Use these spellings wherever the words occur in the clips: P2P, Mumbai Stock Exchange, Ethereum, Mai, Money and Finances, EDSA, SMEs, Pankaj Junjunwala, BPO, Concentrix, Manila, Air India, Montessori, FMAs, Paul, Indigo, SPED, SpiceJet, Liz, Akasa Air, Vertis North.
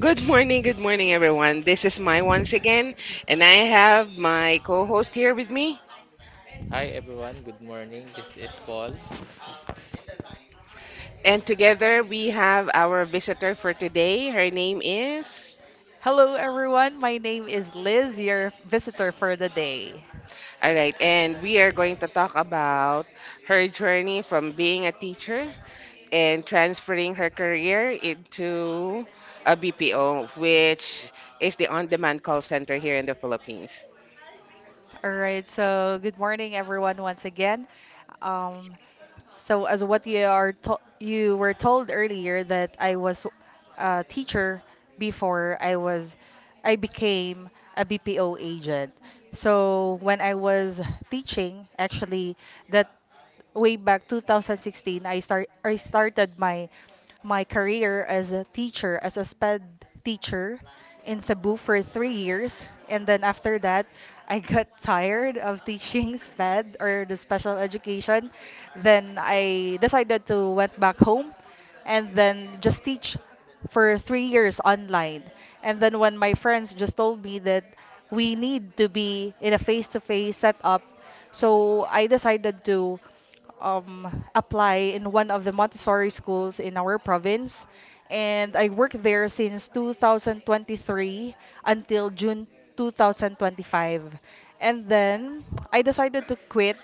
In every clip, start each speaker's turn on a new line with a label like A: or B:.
A: Good morning, everyone. This is Mai once again, and I have my co host here with me.
B: Hi everyone, good morning. This is Paul.
A: And together we have our visitor for today. Her name is.
C: Hello, everyone. My name is Liz, your visitor for the day.
A: All right, and we are going to talk about her journey from being a teacher and transferring her career into a BPO, which is the on demand call center here in the Philippines.
C: All right, so good morning everyone once again. Um, so as what you were told earlier that I was a teacher before I became a BPO agent. So when I was teaching, actually, that way back 2016 I started my career as a teacher, as a SPED teacher in Cebu for 3 years. And then after that, I got tired of teaching SPED, or the special education. Then I decided to went back home and then just teach for 3 years online. And then when my friends just told me that we need to be in a face-to-face setup, so I decided to um, apply in one of the Montessori schools in our province. And I worked there since 2023 until June 2025. And then I decided to quit,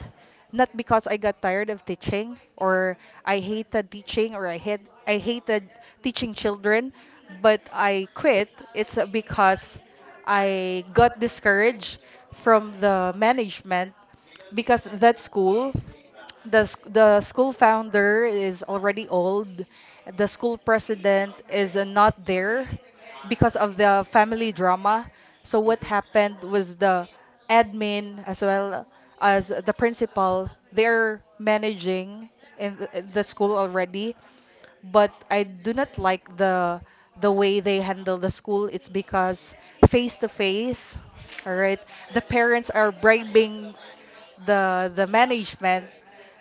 C: not because I got tired of teaching or I hated teaching or I hated teaching children, but I quit. It's because I got discouraged from the management, because that school, the school founder is already old. The school president is not there because of the family drama. So what happened was the admin, as well as the principal, they're managing in the school already, but I do not like the way they handle the school. It's because face to face, all right, the parents are bribing the management,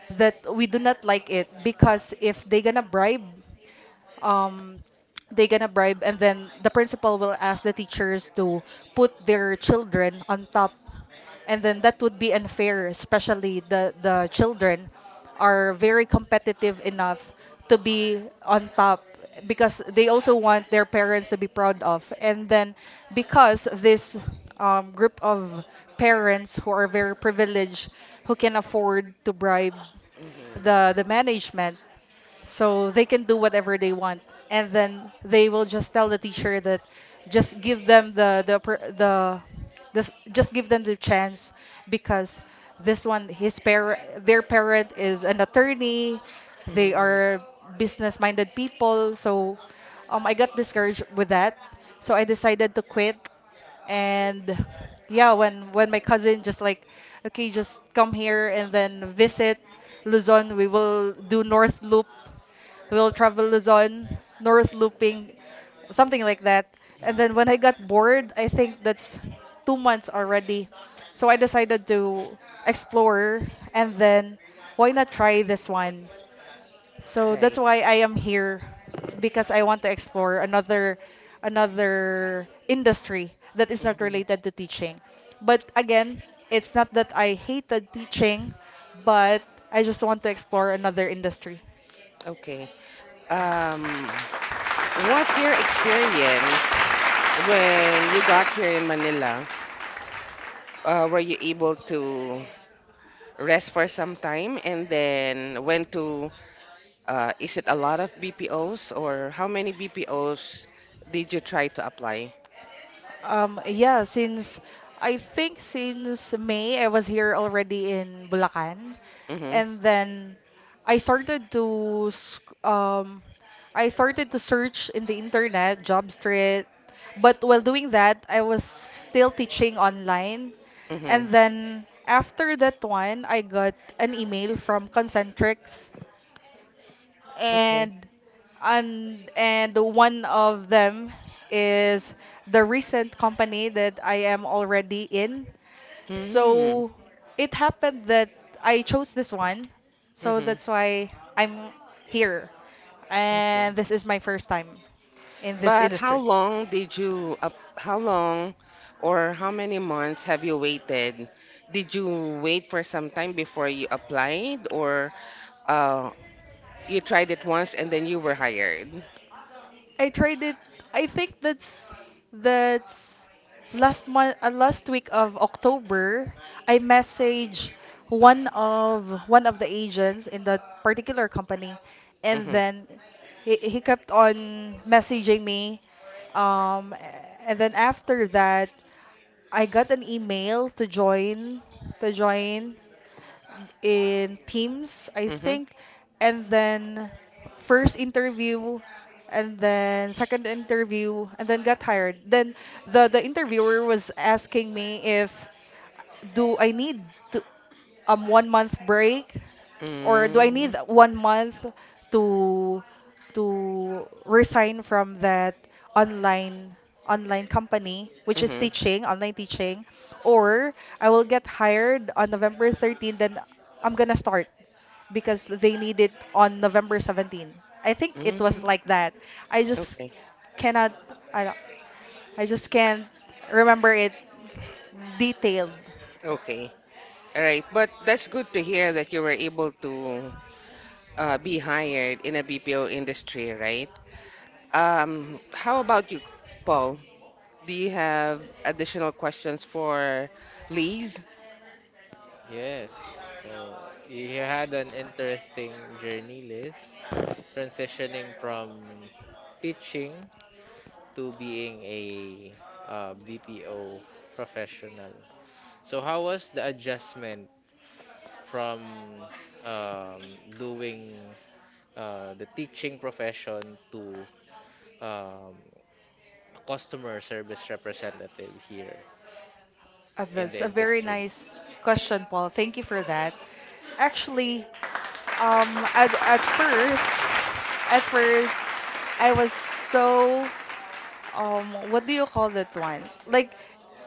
C: that we do not like it, because if they gonna bribe, um they gonna bribe, and then the principal will ask the teachers to put their children on top, and then that would be unfair, especially the children are very competitive enough to be on top because they also want their parents to be proud of. And then because this group of parents who are very privileged, who can afford to bribe
A: Mhm, mhm.
C: the management, so they can do whatever they want, and then they will just tell the teacher that just give them the oppor- the s- just give them the chance, because this one, his parent, their parent is an attorney, they
A: Mm.
C: are business minded people. So I got discouraged with that, so I decided to quit. And yeah, when my cousin just like, okay, just come here and then visit Luzon, we will do North Loop, we'll travel Luzon, North Looping, something like that. And then when I got bored, I think that's 2 months already, so I decided to explore, and then why not try this one. So that's why I am here, because I want to explore another industry that is not related to teaching. But again, it's not that I hated teaching, but I just want to explore another industry.
A: Okay. Um, what's your experience when you got here in Manila? Were you able to rest for some time and then went to
C: Yeah.
A: is it a lot of BPOs or how many BPOs did you try to apply?
C: Yeah, since, I think, since May, I was here already in Bulacan,
A: Mm-hmm.
C: and then I started to I started to search in the internet, job street. But while doing that, I was still teaching online,
A: Mm-hmm.
C: and then after that one, I got an email from Concentrix,
A: Okay.
C: and and one of them is the recent company that I am already in.
A: Mm-hmm.
C: So it happened that I chose this one, so
A: Mm-hmm.
C: that's why I'm here,
A: Okay.
C: and this is my first time in this
A: But how
C: industry.
A: long did you up how long or how many months have you waited? Did you wait for some time before you applied or uh, you tried it once and then you were hired?
C: I tried it. I think that's that's last month, last week of October. I messaged one of the agents in that particular company, and
A: Mm-hmm.
C: then he kept on messaging me. Um, and then after that, I got an email to join to join in teams, I
A: Mm-hmm.
C: think. And then first interview, and then second interview, and then got hired. Then the interviewer was asking me if do I need to 1 month break, or do I
A: Mm-hmm.
C: need 1 month to to resign from that online online company, which is
A: Mm-hmm.
C: teaching, online teaching, or I will get hired on November 13th, then I'm gonna start because they need it on November 17th. I think it was
A: Mm-hmm.
C: like that. I just
A: Okay.
C: cannot, I don't, I just can't remember it detailed.
A: Okay. All right. But that's good to hear that you were able to be hired in a BPO industry, right? How about you, Paul? Do you have additional questions for Liz?
B: Yes, so you had an interesting journey Liz, transitioning from teaching to being a BPO professional. So, how was the adjustment from um, doing the teaching profession to um, a customer service representative here in
C: That's
B: the
C: a very
B: industry?
C: nice question, Paul. Thank you for that. Actually, at first, at first, I was so what do you call that one? Like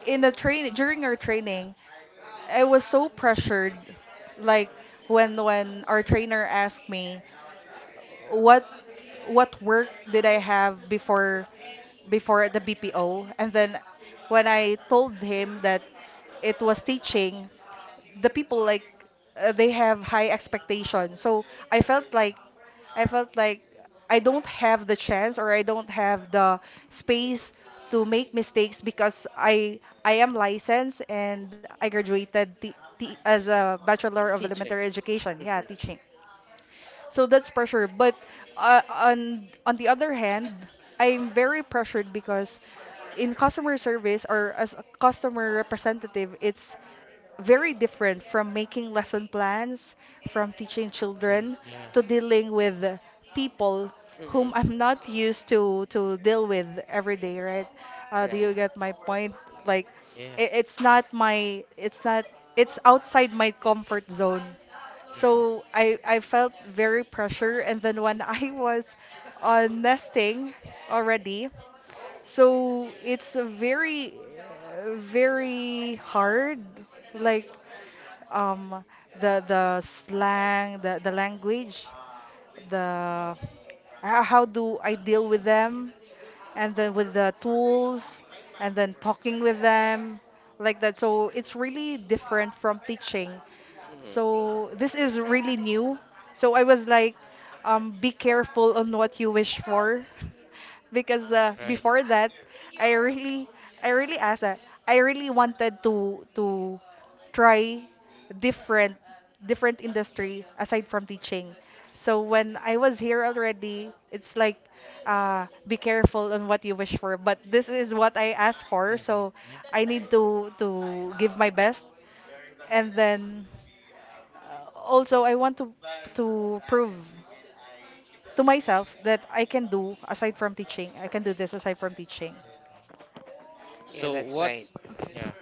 C: in the train during our training, I was so pressured. Like when our trainer asked me what work did I have before the BPO? And then when I told him that it was teaching, the people like, they have high expectations. So I felt like I felt like I don't have the chance, or I don't have the space to make mistakes, because I am licensed and I graduated as a bachelor of
A: Teacher.
C: elementary education. Yeah,
A: Mm-hmm.
C: teaching. So that's pressure. But on the other hand, I'm very pressured because in customer service, or as a customer representative, it's very different from making lesson plans, from teaching
B: Mm,
C: children,
B: yeah,
C: to dealing with people
A: Mm-hmm.
C: whom I'm not used to deal with every day, right? Do
A: Right.
C: you get my point? Like,
B: yes.
C: it's not my, it's not, it's outside my comfort zone. So I felt very pressure. And then when I was on nesting already, so it's a very, very hard. Like um, the slang, the language, the how do I deal with them, and then with the tools, and then talking with them, like that. So it's really different from teaching.
A: Hmm.
C: So this is really new. So I was like, be careful on what you wish for. Because
B: Right.
C: before that, I really I really asked that, I really wanted to try different different industry aside from teaching. So when I was here already, it's like, be careful on what you wish for. But this is what I asked for,
B: Hmm.
C: so
B: Yeah.
C: I need to give my best. And then also, I want to prove to myself that I can do aside from teaching. I can do this aside from teaching.
A: Yeah,
B: So
A: that's
B: what?
A: right.
B: Yeah.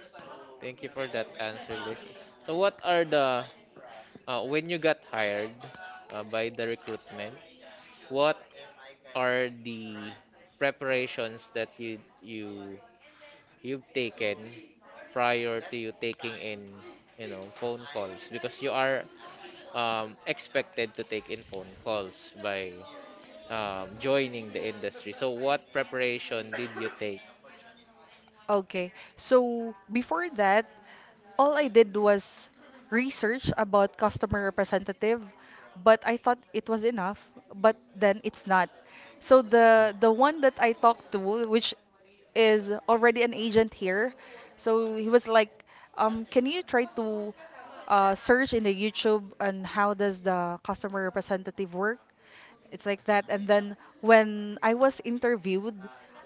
B: Thank you for that answer, Liz. So what are the when you got hired by the recruitment? What are the preparations that you've taken prior to you taking in you know phone calls because you are expected to take in phone calls by joining the industry. So what preparation did you take?
C: Okay. So before that, all I did was research about customer representative, but I thought it was enough, but then it's not. So the one that I talked to, which is already an agent here, so he was like, can you try to search in the YouTube on how does the customer representative work? It's like that. And then when I was interviewed,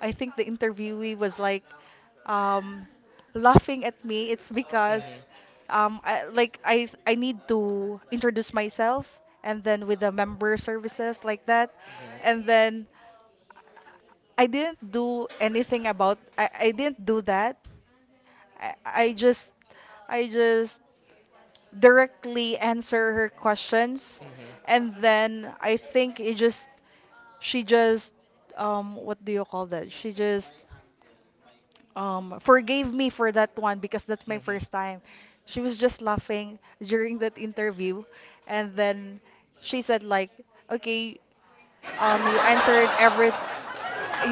C: I think the interviewee was like, um, laughing at me. It's because
B: Hmm.
C: I, like I need to introduce myself and then with the member services, like that, and
B: Hmm.
C: then I didn't do anything about, I didn't do that, I, I just I just directly answer her questions,
B: Mm-hmm.
C: and then I think it just, she just, what do you call that? She just forgave me for that one, because that's my
B: Mm-hmm.
C: first time. She was just laughing during that interview, and then she said like, "Okay, you answered every,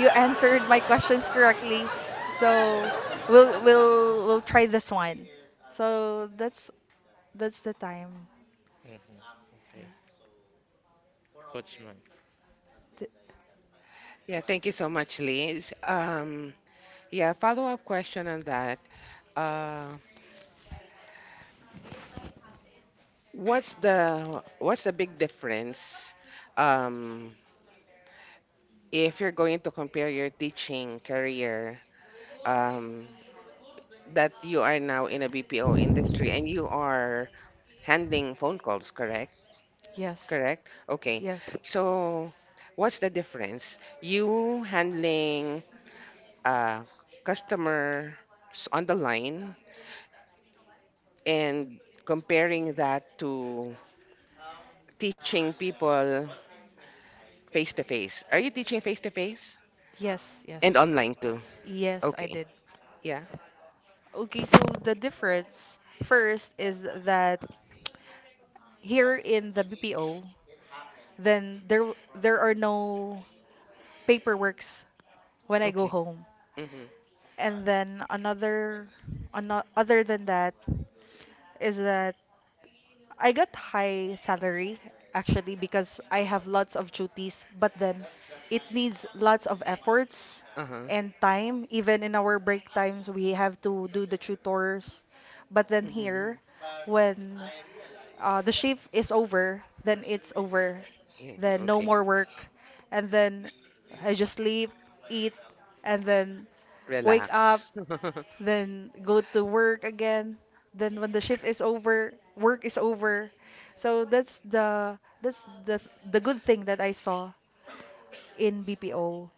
C: you answered my questions correctly. So we'll try this one." So that's the time.
B: Mm-hmm. Okay. Coach Mike.
C: Th-
A: Yeah, thank you so much, Liz. Yeah, follow-up question on that. Uh, what's the big difference, um, if you're going to compare your teaching career, um, that you are now in a BPO industry and you are handling phone calls, correct?
C: yes.
A: Correct. Okay.
C: Yes.
A: So, what's the difference? You handling uh, customers on the line and comparing that to teaching people face to face. Are you teaching face to face
C: Yes,
A: and
C: yes.
A: online too?
C: Yes, I
A: Okay.
C: did.
A: Yeah.
C: Okay, so the difference first is that here in the BPO, then there there are no paperworks when I go
A: Okay.
C: home.
A: Mhm.
C: And then another, other than that, is that I got high salary, actually, because I have lots of duties, but then it needs lots of efforts
A: Uh-huh.
C: and time. Even in our break times, we have to do the tutors. But then
A: Mhm.
C: here, when, the shift is over, then it's over,
A: Yeah.
C: then no
A: Okay.
C: more work, and then I just sleep, eat, and then wake up,
A: Relax.
C: then go to work again, then when the shift is over, work is over. So that's the the good thing that I saw in BPO.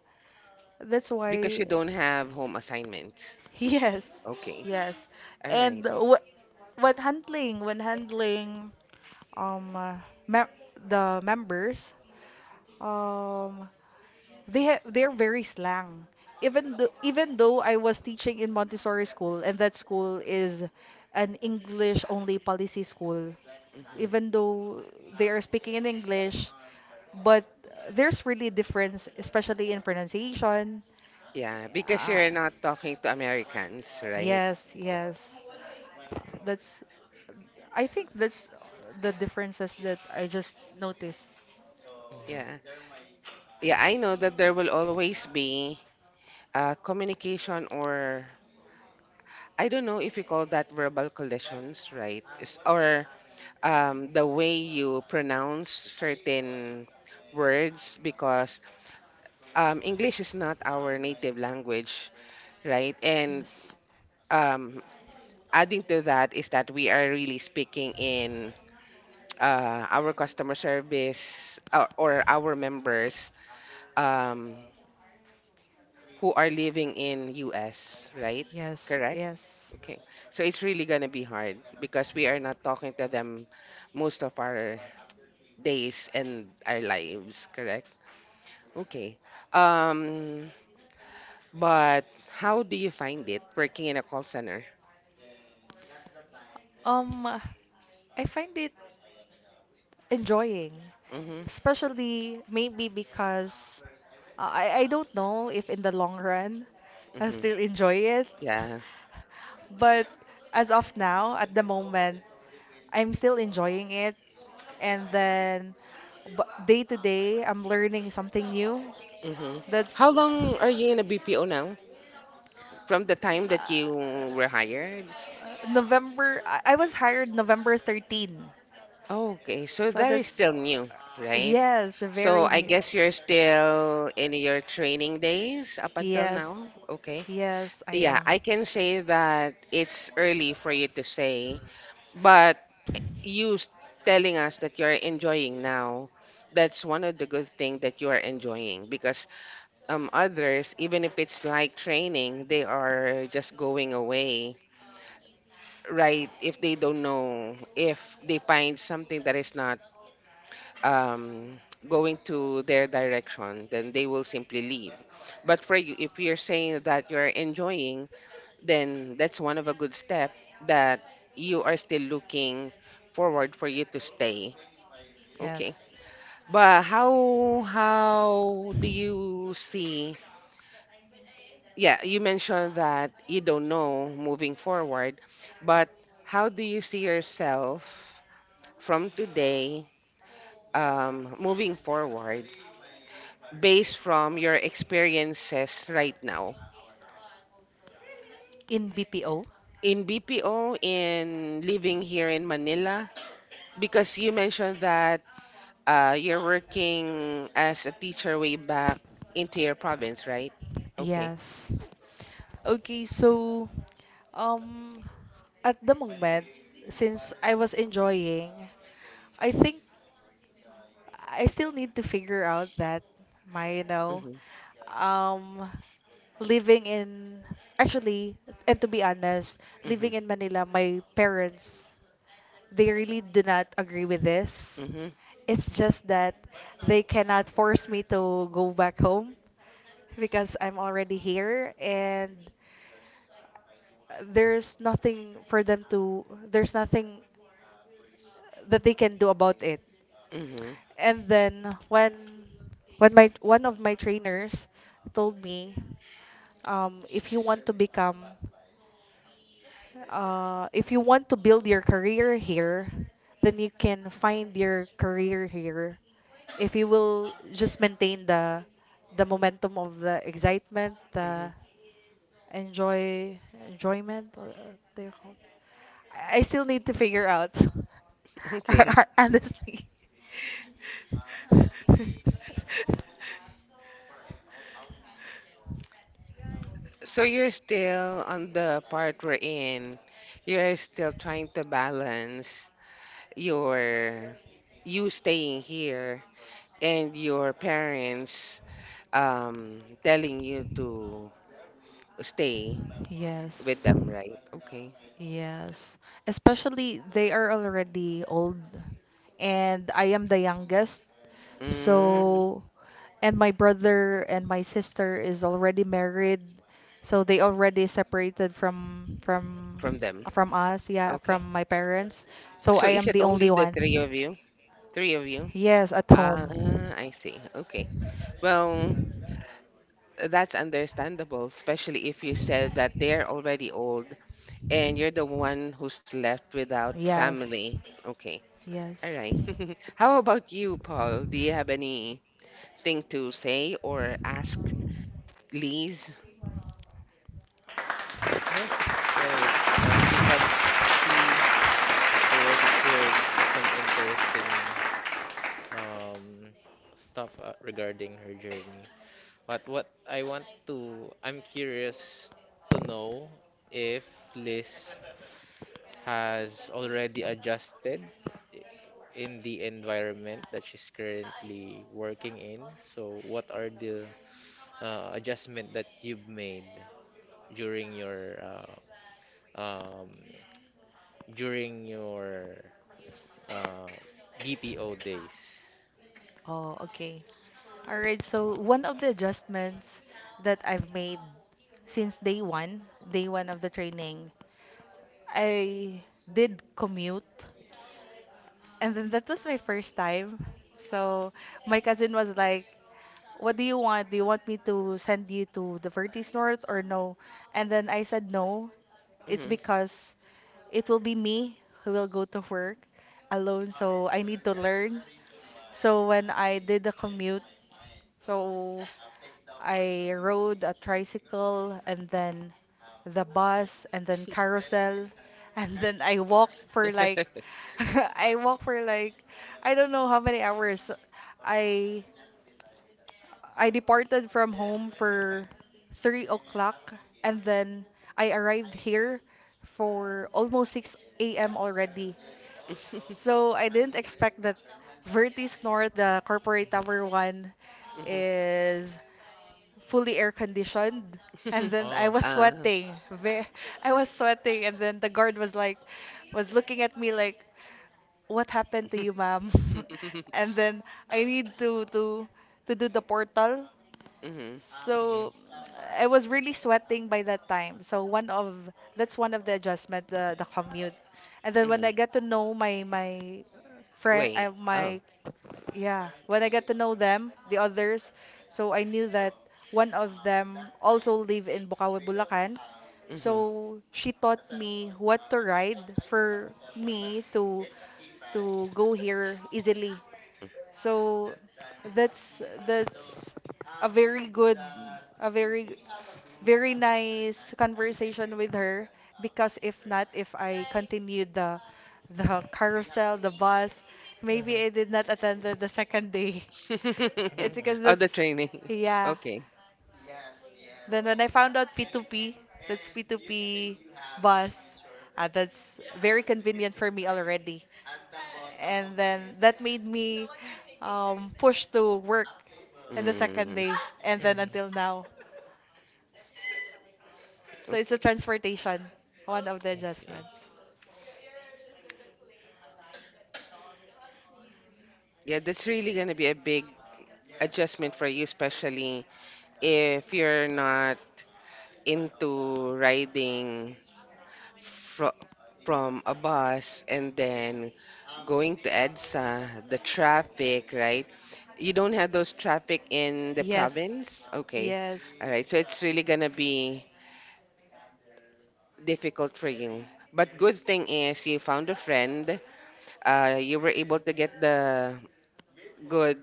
C: That's
A: Because
C: why
A: you don't have home assignments.
C: yes,
A: Okay.
C: yes.
A: All
C: And
A: right.
C: what when handling, when handling, um uh, mem- the members, um they have, they're very slang. Even though, I was teaching in Montessori school, and that school is an English only policy school,
A: Mhm.
C: even though they are speaking in English, but there's really difference especially in pronunciation.
A: Yeah, because
C: uh,
A: you're not talking to Americans, right?
C: yes, yes, that's, I think that's the differences that I just noticed.
A: Yeah.
B: Mm-hmm.
A: Yeah, I know that there will always be communication or I don't know if you call that verbal collisions, right? It's- Or The way you pronounce certain words because, English is not our native language, right? And
C: Yes.
A: um, adding to that is that we are really speaking in our customer service or, our members, um, who are living in US, right?
C: Yes, yes.
A: Okay. So it's really gonna be hard because we are not talking to them most of our days and our lives, correct? Okay. Um, but how do you find it working in a call center?
C: Um, I find it enjoying,
A: Mm-hmm.
C: especially maybe because, I don't know if in the long run I
A: Mm-hmm.
C: still enjoy it,
A: Yeah.
C: but as of now, at the moment, I'm still enjoying it, and then b day to day, I'm learning something new.
A: Mm-hmm. How
C: That's,
A: long are you in a BPO now? From the time that you were
C: uh,
A: hired?
C: November. I was hired November 13th.
A: Okay, so
C: So
A: that is
C: that's,
A: still new, right?
C: yes,
A: So
C: very
A: I
C: new.
A: guess you're still in your training days up until now.
C: Yes,
A: Okay.
C: yes, I
A: Yeah,
C: am.
A: I can say that it's early for you to say, but you s- telling us that you're enjoying now, that's one of the good things that you are enjoying because others, even if it's like training, they are just going away, right? If they don't know, if they find something that is not um going to their direction, then they will simply leave. But for you, if you're saying that you're enjoying, then that's one of a good step that you are still looking forward for you to stay. Okay.
C: Yes.
A: But how do you see? Yeah, you mentioned that you don't know moving forward, but how do you see yourself from today, moving forward based from your experiences right now?
C: In BPO?
A: In BPO, in living here in Manila because you mentioned that, you're working as a teacher way back into your province, right? Okay.
C: Yes. Okay, so um at the moment, since I was enjoying, I think I still need to figure out that my,
A: Mhm.
C: um, living in, actually, and to be honest,
A: Mhm.
C: living in Manila, my parents, they really do not agree with this.
A: Mhm.
C: It's just that they cannot force me to go back home because I'm already here and there's nothing for them to, there's nothing that they can do about it.
A: Mhm.
C: And then when my one of my trainers told me, if you want to become if you want to build your career here, then you can find your career here. If you will just maintain the momentum of the excitement, the
A: Mhm.
C: enjoy enjoyment, or they call it. I still need to figure out
A: Okay.
C: honestly.
A: So you're still on the part we're in. You're still trying to balance your you staying here and your parents telling you to stay with
C: Yes.
A: them, right? Okay.
C: Yes. Especially they are already old and I am the youngest.
A: Mm,
C: So and my brother and my sister is already married. So they already separated from from
A: from them.
C: from us, yeah,
A: Okay.
C: from my parents. So
A: So
C: I
A: is
C: am
A: it
C: the
A: only
C: only
A: the three
C: one.
A: of you? Three of you?
C: Yes, at
A: Ah,
C: home
A: I see. Okay. Well, that's understandable, especially if you said that they're already old and you're the one who's left
C: anything.
A: without
C: Yes.
A: family. Okay. All
C: Yes.
A: right. How about you, Paul? Do you have anything to say or ask
C: For
A: Liz?
B: Yes, of course. She have she already shared some interesting um stuff regarding her journey. But what I want to I'm curious to know if Liz has already adjusted i- in the environment that she's currently working in. So what are the adjustment that you've made during your uh, um, during your uh, BPO days?
C: us? Oh, okay. All right, so one of the adjustments that I've made since day one of the training, I did commute. And then that was my first time. So my cousin was like, what do you want? Do you want me to send you to the Vertis North or no? And then I said no. It's
A: Mhm.
C: because it will be me who will go to work alone. So I need to learn. So when I did the commute, so I rode a tricycle and then the bus and then carousel and then I walked for like I walked for like, I don't know how many hours. I I departed from home for 3 o'clock and then I arrived here for almost 6 a.m. already. So I didn't expect that Vertis North, the corporate tower
B: Mhm.
C: one,
A: Mhm.
C: is fully air conditioned. And then I
B: Oh.
C: was
A: uh,
C: sweating. I was sweating, and then the guard was like, was looking at me like, what happened to you, ma'am? And then I need to do the portal,
A: hmm hmm
C: so I was really sweating by that time. So one of that's one of the adjustment, the commute. And then when I get to know my friend,
A: Wait. Oh.
C: my yeah, when I get to know them, the others, so I knew that one of them also live in Bukawi, Bulacan.
A: Mm-hmm.
C: So she taught me what to ride for me to go here easily. So that's a very good, a very very nice conversation with her, because if not, if I continued the carousel, the bus, maybe
B: Mm-hmm.
C: I did not attend the second day. It's because
A: Oh,
B: Mm-hmm.
A: the
C: that's
A: training.
C: yeah.
A: Okay.
C: Then when I found out P2P, that's P2P bus, that's very convenient for me already, and then that made me push to work in the second
A: Mm.
C: day and then
B: Mm-hmm.
C: until now. So it's
A: Okay.
C: a transportation, one of the
B: I see.
C: adjustments.
A: Yeah, that's really going to be a big adjustment for you, especially if you're not into riding fro from a bus and then going to EDSA, the traffic, right? You don't have those traffic in the
C: Yes.
A: province? Okay.
C: Yes.
A: All right. So it's really gonna be difficult for you. But good thing is you found a friend. You were able to get the good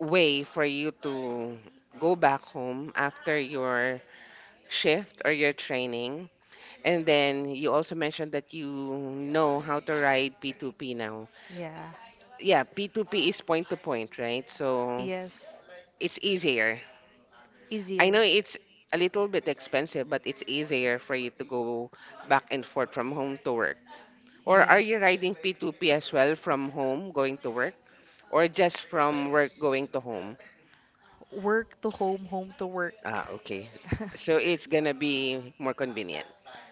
A: way for you to go back home after your shift or your training. And then you also mentioned that you know how to ride P2P now.
C: Yeah.
A: Yeah, P2P is point to point, right? So
C: Yes.
A: it's easier. I
C: Easier.
A: know it's a little bit expensive, but it's easier for you to go back and forth from home to work. Or are
C: Yes. Yes.
A: you riding P2P as well from home going to work? Or just from work going to home?
C: Work to home, home to work.
A: Ah, okay. So it's gonna be more convenient.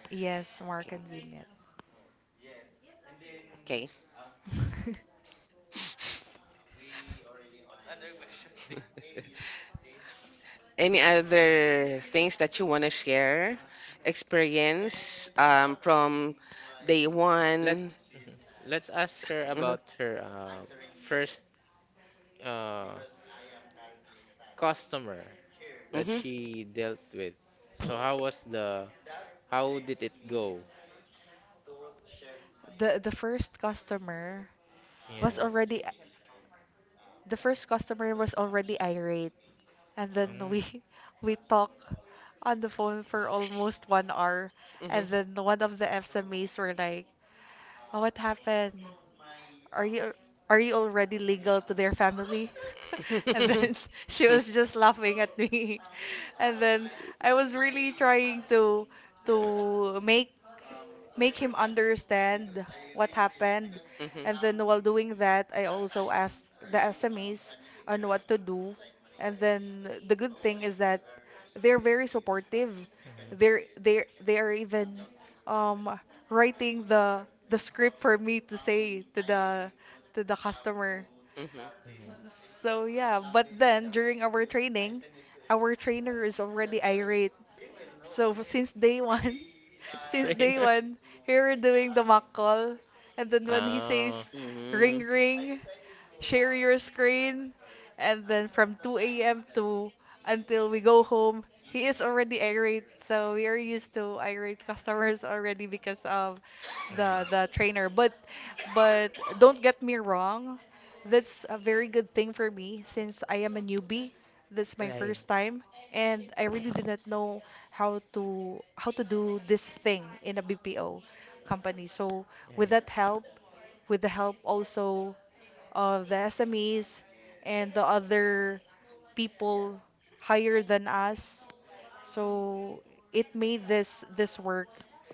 C: Yes, more
A: Okay.
C: convenient.
A: Okay. Any other things that you want to share? Experience, from day one?
B: Let's mhm. Let's ask her
A: Mhm,
B: about her first uh, customer that
A: mhm,
B: she dealt with. So how was the how did it go?
C: The first customer
B: Yeah.
C: was already, the first customer was already irate. And then
B: Mm.
C: we we talked on the phone for almost 1 hour.
A: mhm.
C: And then one of the FMAs were like, oh, what happened? Are you are you already legal to their family?
A: Mhm,
C: And then she was just laughing at me. And then I was really trying to make him understand what happened.
A: mhm,
C: And then while doing that, I also asked the SMEs on what to do. And then the good thing is that they're very supportive.
B: Hmm.
C: They are even um writing the script for me to say to the customer.
B: Hmm.
C: So yeah, but then during our training, our trainer is already irate. So since day one, since day
B: Trainer.
C: one, here we're doing the mock call. And then when he
B: Oh.
C: says, ring
A: mhm.
C: ring, share your screen, and then from 2 a.m. to until we go home, he is already irate. So we are used to irate customers already because of the
B: Hmm.
C: trainer. But but don't get me wrong, that's a very good thing for me since I am a newbie. That's my
A: Right,
C: first
B: Hmm.
C: time and I really do not know how to do this thing in a BPO company. So with
B: Right.
C: that help, with the help also of the SMEs and the other people higher than us. So it made this work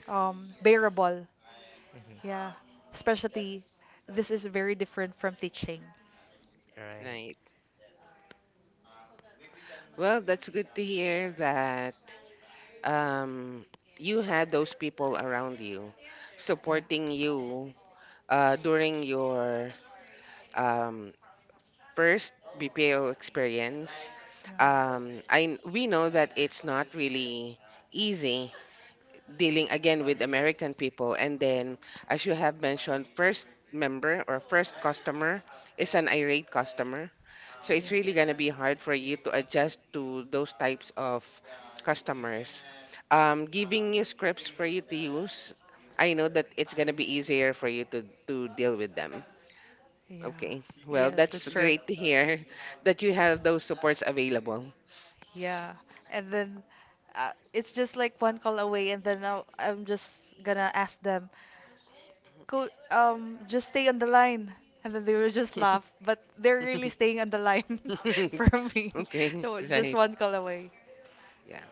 C: bearable.
B: Hmm.
C: Yeah, especially this is very different from teaching.
B: Right.
A: right. Well, that's good to hear that, um, you had those people around you
C: Yeah.
A: supporting you during your, um, first BPO experience. I We know that it's not really easy dealing again with American people, and then as you have mentioned, first member or first customer is an irate customer, so it's really gonna be hard for you to adjust to those types of customers. Giving you scripts for you to use, I know that it's gonna be easier for you to deal with them.
C: Yeah.
A: Okay.
C: Yes. Yeah.
A: Well,
C: Yes,
A: that's
C: that's true.
A: great to hear that you have those supports available.
C: Yeah. And then it's just like one call away, and then now I'm just gonna ask them, Co just stay on the line. And then they will just laugh, but they're really staying on the line for me.
A: Okay,
C: So just
A: right.
C: one call away.
A: Yeah.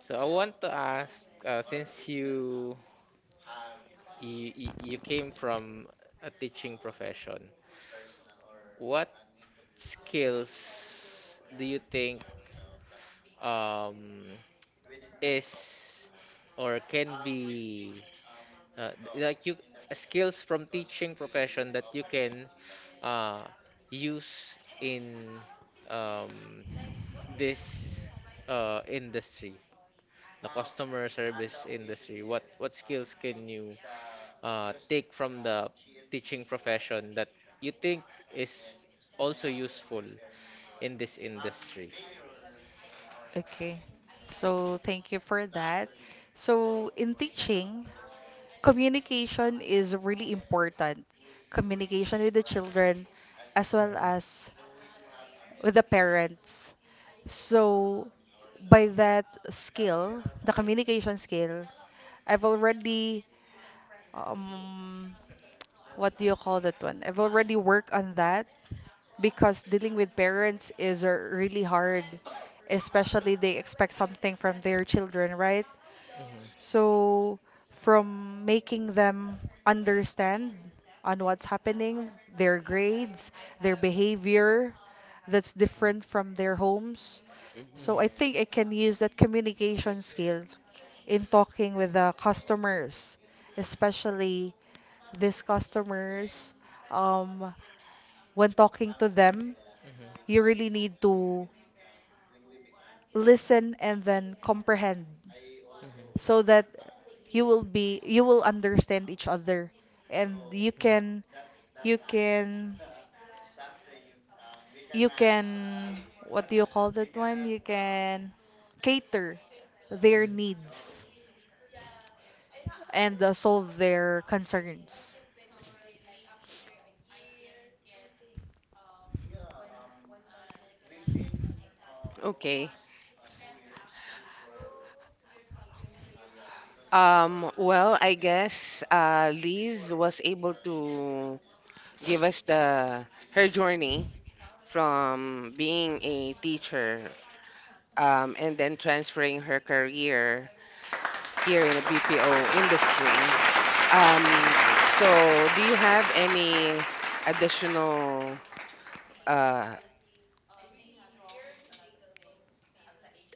B: So I want to ask, since you came from a teaching profession, what skills do you think um is or can be like you skills from teaching profession that you can uh, use in um, this industry, the customer service industry? What skills can you take from the teaching profession that you think is also useful in this industry?
C: Okay. So thank you for that. So in teaching, communication is really important. Communication with the children as well as with the parents. So by that skill, the communication skill, I've already um what do you call that one? I've already worked on that because dealing with parents is really hard, especially they expect something from their children, right?
B: Mhm.
C: So, from making them understand on what's happening, their grades, their behavior that's different from their homes.
A: Mhm.
C: So I
B: Hmm.
C: think I can use that communication skill in talking with the customers, especially these customers. Um, when talking to them,
B: Hmm. Hmm.
C: you really need to listen and then comprehend
B: Hmm.
C: so that you will be you will understand each other and you can you can you can, what do you call that one? You can cater their
B: Hmm.
C: needs and solve their concerns.
A: Okay. Well, I guess Liz was able to give us the her journey from being a teacher, and then transferring her career here in the BPO industry. Um, so, do you have any additional uh,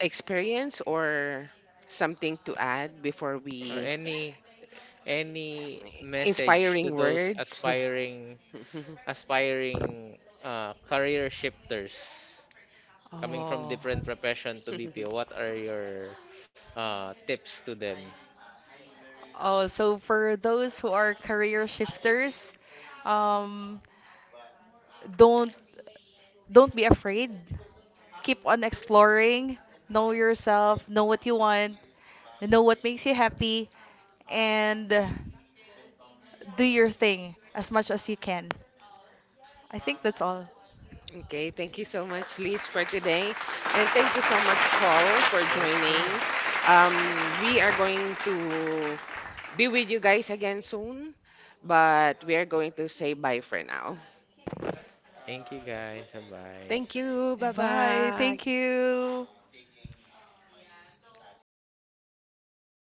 A: experience or something to add before
B: Or
A: we
B: any message to
A: inspiring
B: those
A: words?
B: aspiring aspiring career shifters coming from
C: Oh.
B: different profession to BPO? What are your tips to them?
C: Oh, so for those who are career shifters, um, don't don't be afraid. Keep on exploring. Know yourself, know what you want, know what makes you happy, and do your thing as much as you can. I think that's all.
A: Okay, thank you so much, Liz, for today. And thank you so much, Paul, for joining.
B: Thank you.
A: We are going to be with you guys again soon, but we are going to say bye for now.
B: Thank you guys. Bye.
A: Thank you. Bye
C: Bye. Thank
A: bye.
C: you.